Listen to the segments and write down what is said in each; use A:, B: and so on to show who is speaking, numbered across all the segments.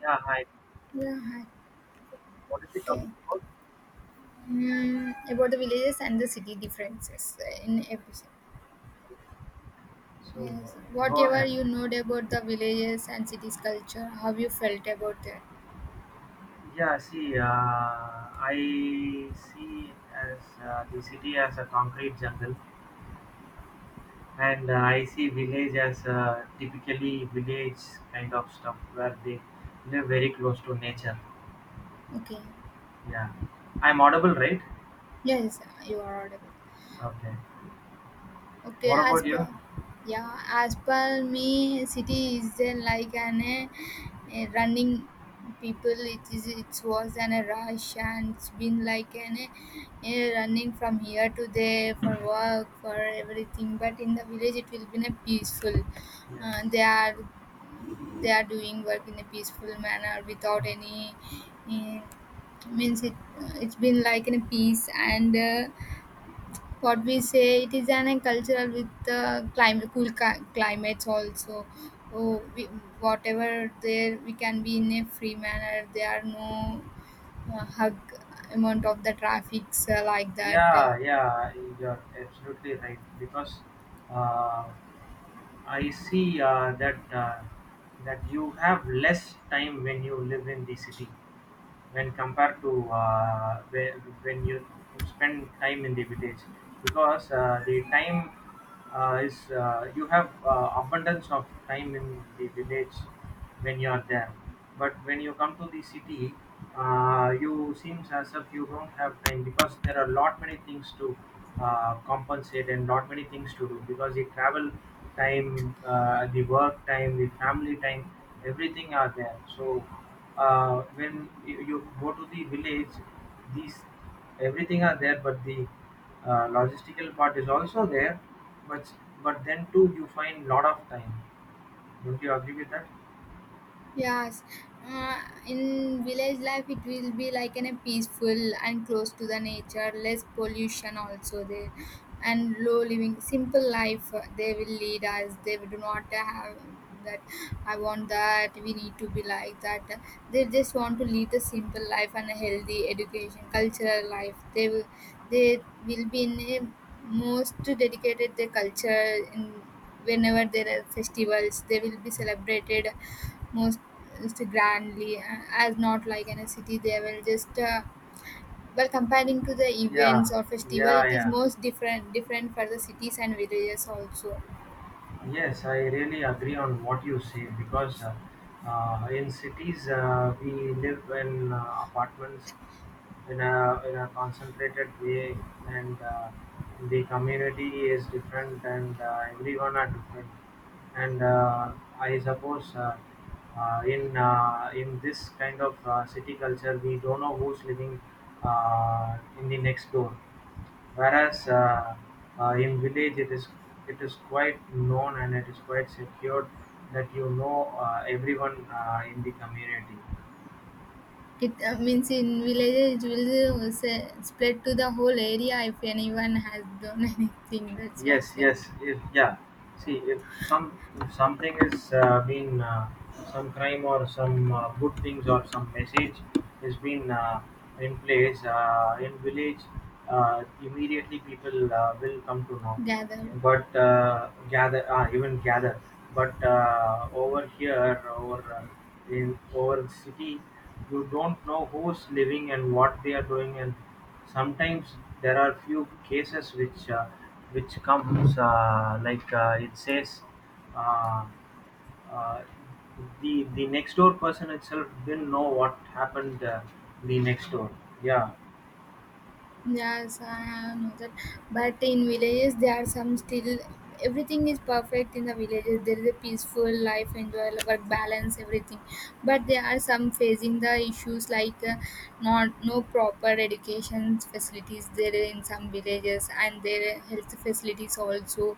A: Yeah, hi.
B: Yeah, hi.
A: What is the
B: Okay.
A: topic about?
B: About the villages and the city differences in everything.
A: So,
B: Yes,
A: go
B: whatever
A: ahead.
B: you know about the villages and cities culture, how you felt about that.
A: Yeah, see, I see as the city as a concrete jungle, and I see village as typically village kind of stuff where they live very close to nature.
B: Okay.
A: Yeah, I'm audible, right?
B: Yes, you are audible.
A: Okay.
B: Okay,
A: What
B: as
A: about
B: per
A: you?
B: yeah, as per me, city is like an a running people. It is it was an a rush, and it's been like an a running from here to there, for work, for everything. But in the village, it will be in a peaceful.
A: Yes.
B: They are they are doing work in a peaceful manner without any uh, means it it's been like in a peace and. What we say, it is an agricultural with climate cool climates also oh, we, whatever there we can be in a free manner, there are no hug amount of the traffics like that.
A: yeah, yeah, you're absolutely right because uh, I see that you have less time when you live in the city when compared to when you spend time in the village because the time is you have abundance of time in the village when you are there. But when you come to the city, you seems as if you don't have time because there are lot many things to compensate and lot many things to do because the travel time, the work time, the family time, everything are there. So when you go to the village, these everything are there, but the logistical part is also there. But but then too, you find lot of time. Don't you agree with that?
B: Yes, uh, in village life it will be like in a peaceful and close to the nature, less pollution also there, and low living, simple life they will lead us. They do not have that I want, that we need to be like that. They just want to lead the simple life and a healthy education, cultural life. They will be in a most dedicated their culture in whenever there are festivals they will be celebrated most grandly, as not like in a city they will just well comparing to the
A: Yeah,
B: events or festival
A: yeah,
B: it is
A: yeah.
B: most different different for the cities and villages also.
A: Yes, I really agree on what you say because in cities we live in apartments in a concentrated way, and the community is different, and everyone are different. And I suppose in this kind of city culture, we don't know who's living in the next door. Whereas in village it is quite known and it is quite secured that you know everyone in the community.
B: It means in villages it will say, split to the whole area if anyone has done anything, that's your
A: Yes,
B: saying.
A: yes, if, yeah. See, if some if something is been some crime or some good things or some message has been in place in village, immediately people will come to know.
B: Gathered.
A: But gather even gather, but over here or in over the city, you don't know who's living and what they are doing, and sometimes there are few cases which comes like it says uh, uh, the next door person itself didn't know what happened the next door, yeah.
B: Yes, I have know that. But in villages, there are some still. Everything is perfect in the villages. There is a peaceful life, enjoy work balance, everything. But there are some facing the issues like not no proper education facilities there in some villages, and their health facilities also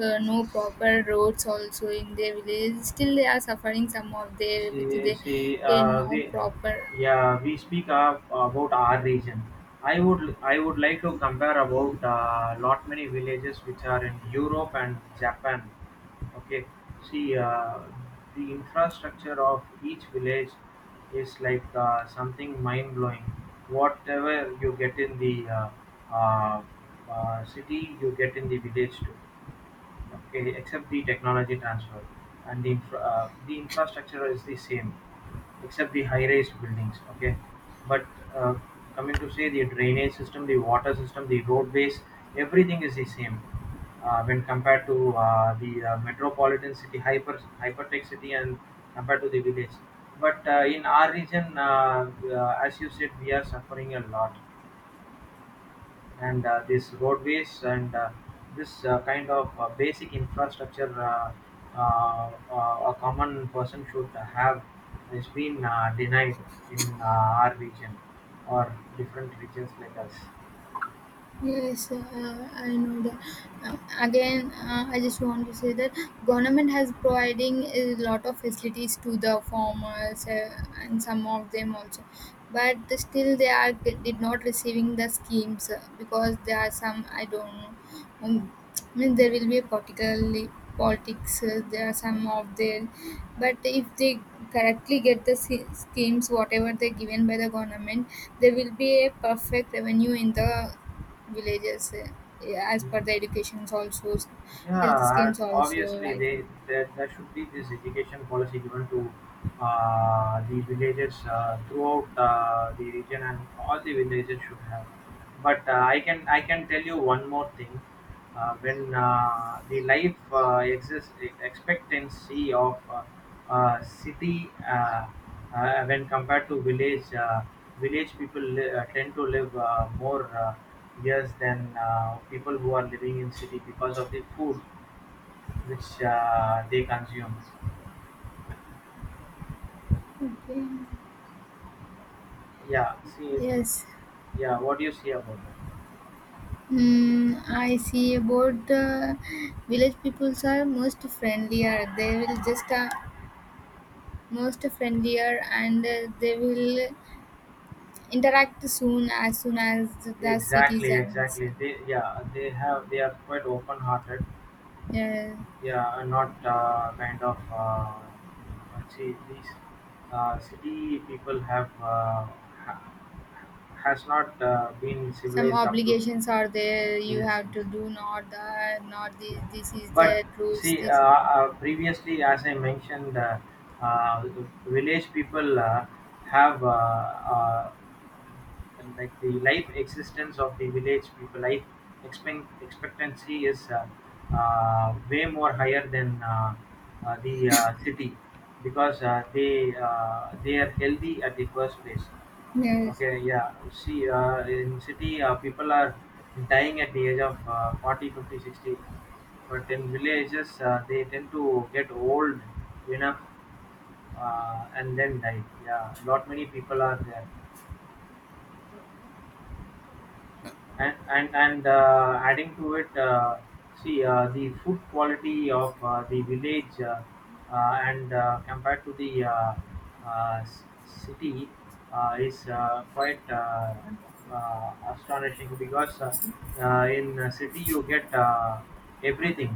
B: no proper roads also in their villages. Still, they are suffering some of their with
A: See,
B: their eh, no proper.
A: yeah, we speak about our region. I would like to compare about lot many villages which are in Europe and Japan. Okay, see, the infrastructure of each village is like something mind blowing. Whatever you get in the uh, city, you get in the village too. Okay, except the technology transfer and the infrastructure is the same, except the high-rise buildings. Okay, but uh, coming to say the drainage system, the water system, the roadways, everything is the same when compared to the metropolitan city, hypertech city, and compared to the village. But in our region, as you said, we are suffering a lot, and these roadways and this kind of basic infrastructure a common person should have has been denied in our region or different regions like us.
B: Yes, I know that. Again, I just want to say that government has providing a lot of facilities to the farmers and some of them also, but still they are did not receiving the schemes because there are some I don't know. Um, I mean there will be a particularly politics. There are some of them, but if they correctly get the schemes whatever they given by the government, there will be a perfect revenue in the villages, as
A: Yeah.
B: per the educations also, health
A: Yeah,
B: schemes
A: as-
B: also,
A: obviously
B: right.
A: there should be this education policy given to the villages throughout the region, and all the villages should have. But I can tell you one more thing. When the life expectancy of city when compared to village, village people tend to live more. Yes, then people who are living in city because of the food which they consume.
B: Okay.
A: Yeah, see,
B: Yes.
A: yeah, what do you see about
B: I see about the village peoples are most friendlier. They will just most friendlier, and they will interact soon as
A: that?
B: the
A: Exactly,
B: citizens.
A: exactly. They, yeah, they have, they are quite open-hearted.
B: Yeah,
A: Yeah, and not kind of. See, these city people have, ha- has not been
B: some
A: civilized up to.
B: obligations are there. You
A: Yes,
B: have to
A: yes.
B: do not the not this.
A: Yeah.
B: This is
A: But
B: the
A: you
B: rules.
A: see,
B: This.
A: previously, as I mentioned, the village people have like the life existence of the village people. Life expectancy is way more higher than the city because they are healthy at the first place.
B: Yes.
A: Okay, yeah. See, in city, people are dying at the age of 40, 50, 60. But in villages, they tend to get old enough and then die. Yeah, not many people are there. And adding to it, see, the food quality of the village and compared to the city is quite astonishing because in a city you get everything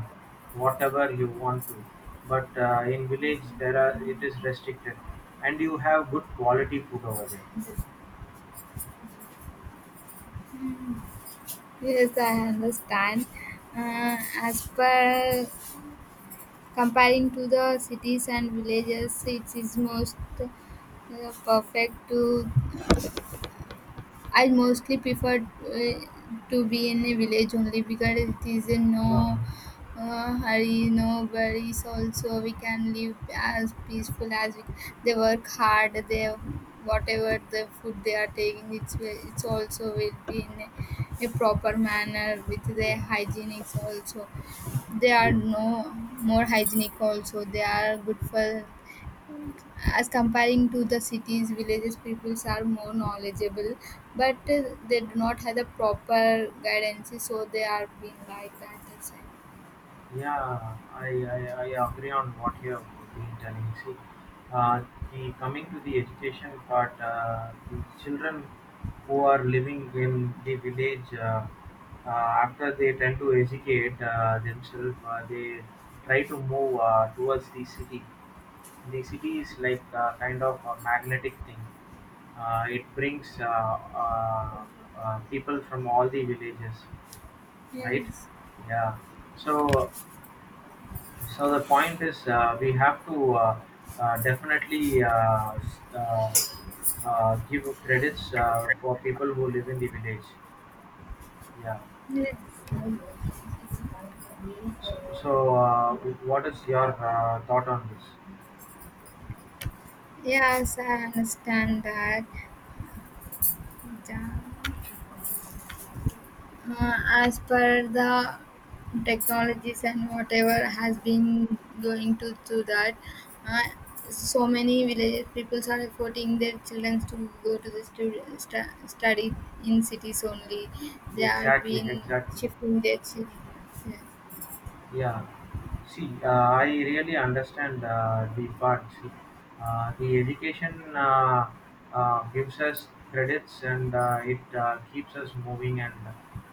A: whatever you want to, but in village there are it is restricted and you have good quality food over there.
B: Yes, I understand. Uh, as per comparing to the cities and villages, it is most perfect to I mostly prefer to be in a village only because it is in no
A: uh,
B: hurry, no worries. Also, we can live as peaceful as we. They work hard. They whatever the food they are taking, it's it's also will be in a proper manner with the
A: yeah,
B: hygienics also. They are
A: yeah.
B: no more hygienic also. They are good for as comparing to the cities, villages peoples are more knowledgeable, but they do not have the proper guidance, so they are being like that, that's right.
A: Yeah, I, I, I agree on what you have been telling. See, uh, the coming to the education part, the children who are living in the village, after they tend to educate themselves, they try to move towards the city. The city is like kind of a magnetic thing. It brings people from all the villages, right?
B: Yes.
A: Yeah. So so the point is, we have to definitely give credits for people who live in the village. Yeah.
B: Ye-
A: So, what is your thought on this?
B: yes, I understand that. Yeah. uh, as per the technologies and whatever has been going to that, uh, so many village people are affording their children to go to the study in cities only, they are
A: Exactly.
B: being
A: Exactly.
B: shifting their children.
A: Yeah, see, I really understand the part. See, the education gives us credits, and it keeps us moving and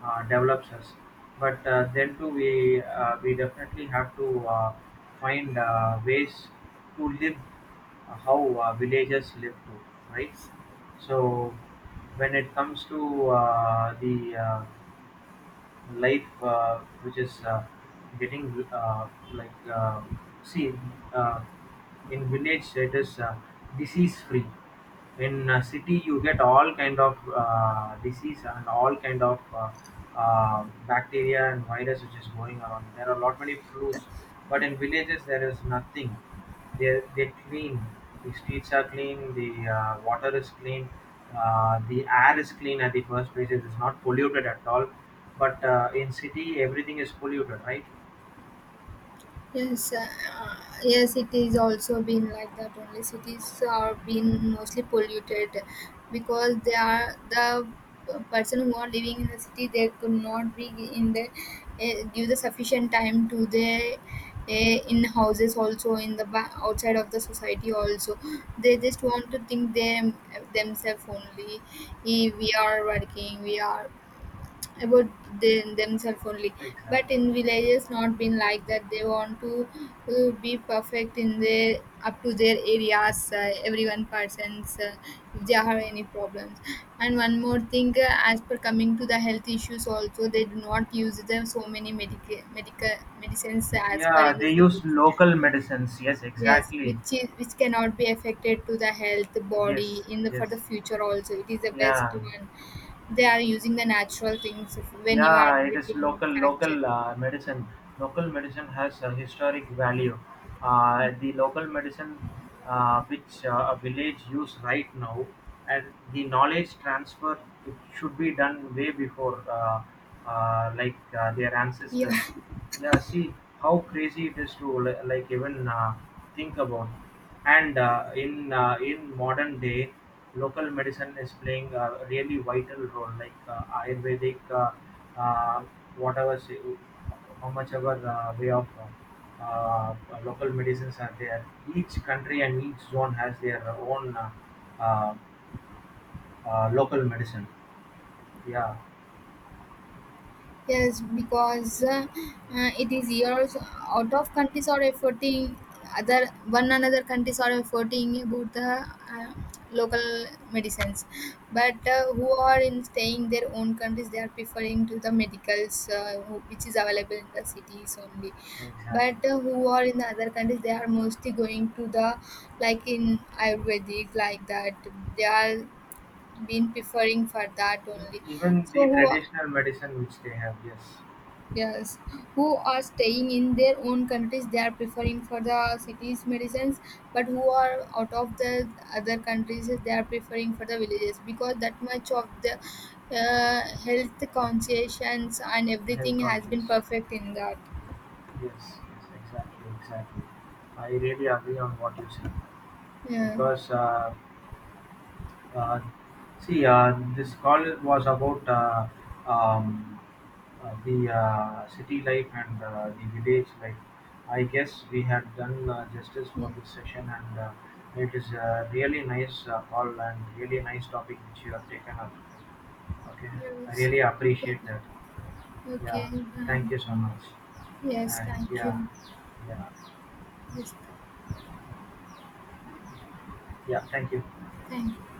A: develops us. But then too, we definitely have to find ways to live how villagers live too, right? So when it comes to the life which is getting like see, uh, in village it is disease free. In city you get all kind of disease and all kind of bacteria and virus which is going around. There are a lot many flus, but in villages there is nothing. They clean. The streets are clean. The water is clean. The air is clean at the first place. It is not polluted at all. But in city, everything is polluted, right?
B: Yes, uh, yes, it is also been like that. Only cities are being mostly polluted because they are the person who are living in the city. They could not be in the give the sufficient time to the in houses also, in the outside of the society also. They just want to think them themselves only. Eh, we are working. We are about them, themselves only, but
A: Exactly.
B: in villages not been like that, they want to be perfect in their up to their areas, everyone persons if they have any problems. And one more thing, as per coming to the health issues also, they do not use the so many medical medicines as per
A: Yeah,
B: in the
A: they use
B: cities.
A: local medicines. Yes,
B: Yes,
A: exactly.
B: which is which cannot be affected to the health, body
A: Yes,
B: in the for
A: yes.
B: the future also. It is the best
A: Yeah.
B: one. They are using the natural things of when you are
A: Yeah, it is
B: getting fracture.
A: local medicine. Local medicine has a historic value. The local medicine which a village use right now, and the knowledge transfer, it should be done way before, like their
B: Yeah.
A: ancestors. Yeah, see how crazy it is to like, even think about. And in modern day, local medicine is playing a really vital role. Like Ayurvedic, uh, whatever, say, how much ever way of uh, uh, local medicines are there. Each country and each zone has their own uh, local medicine. Yeah,
B: Yes, because it is years out of countries are efforting, other one another countries are efforting about the uh, local medicines, but who are in staying their own countries they are preferring to the medicals who- which is available in the cities only.
A: exactly.
B: But who are in the other countries they are mostly going to the like in Ayurvedic like that they are been preferring for that only.
A: Even
B: So
A: the
B: who.
A: traditional medicine which they have, yes,
B: Yes, who are staying in their own countries, they are preferring for the cities medicines, but who are out of the other countries, they are preferring for the villages because that much of the health conscience and
A: health
B: everything has been
A: conscious.
B: perfect in that.
A: Yes, yes, exactly, exactly. I really agree on what you said.
B: Yeah.
A: Because uh, see, this call was about um, the city life and the village life. I guess we had done justice
B: Yeah.
A: for this session, and it is a really nice call and really nice topic which you have taken up. Okay, I
B: Yes.
A: really
B: Okay.
A: appreciate that.
B: Okay.
A: Yeah, thank you so
B: Fine.
A: much.
B: Yes,
A: And
B: thank
A: yeah,
B: you.
A: yeah,
B: Yes.
A: yeah, thank you.
B: Thank. You.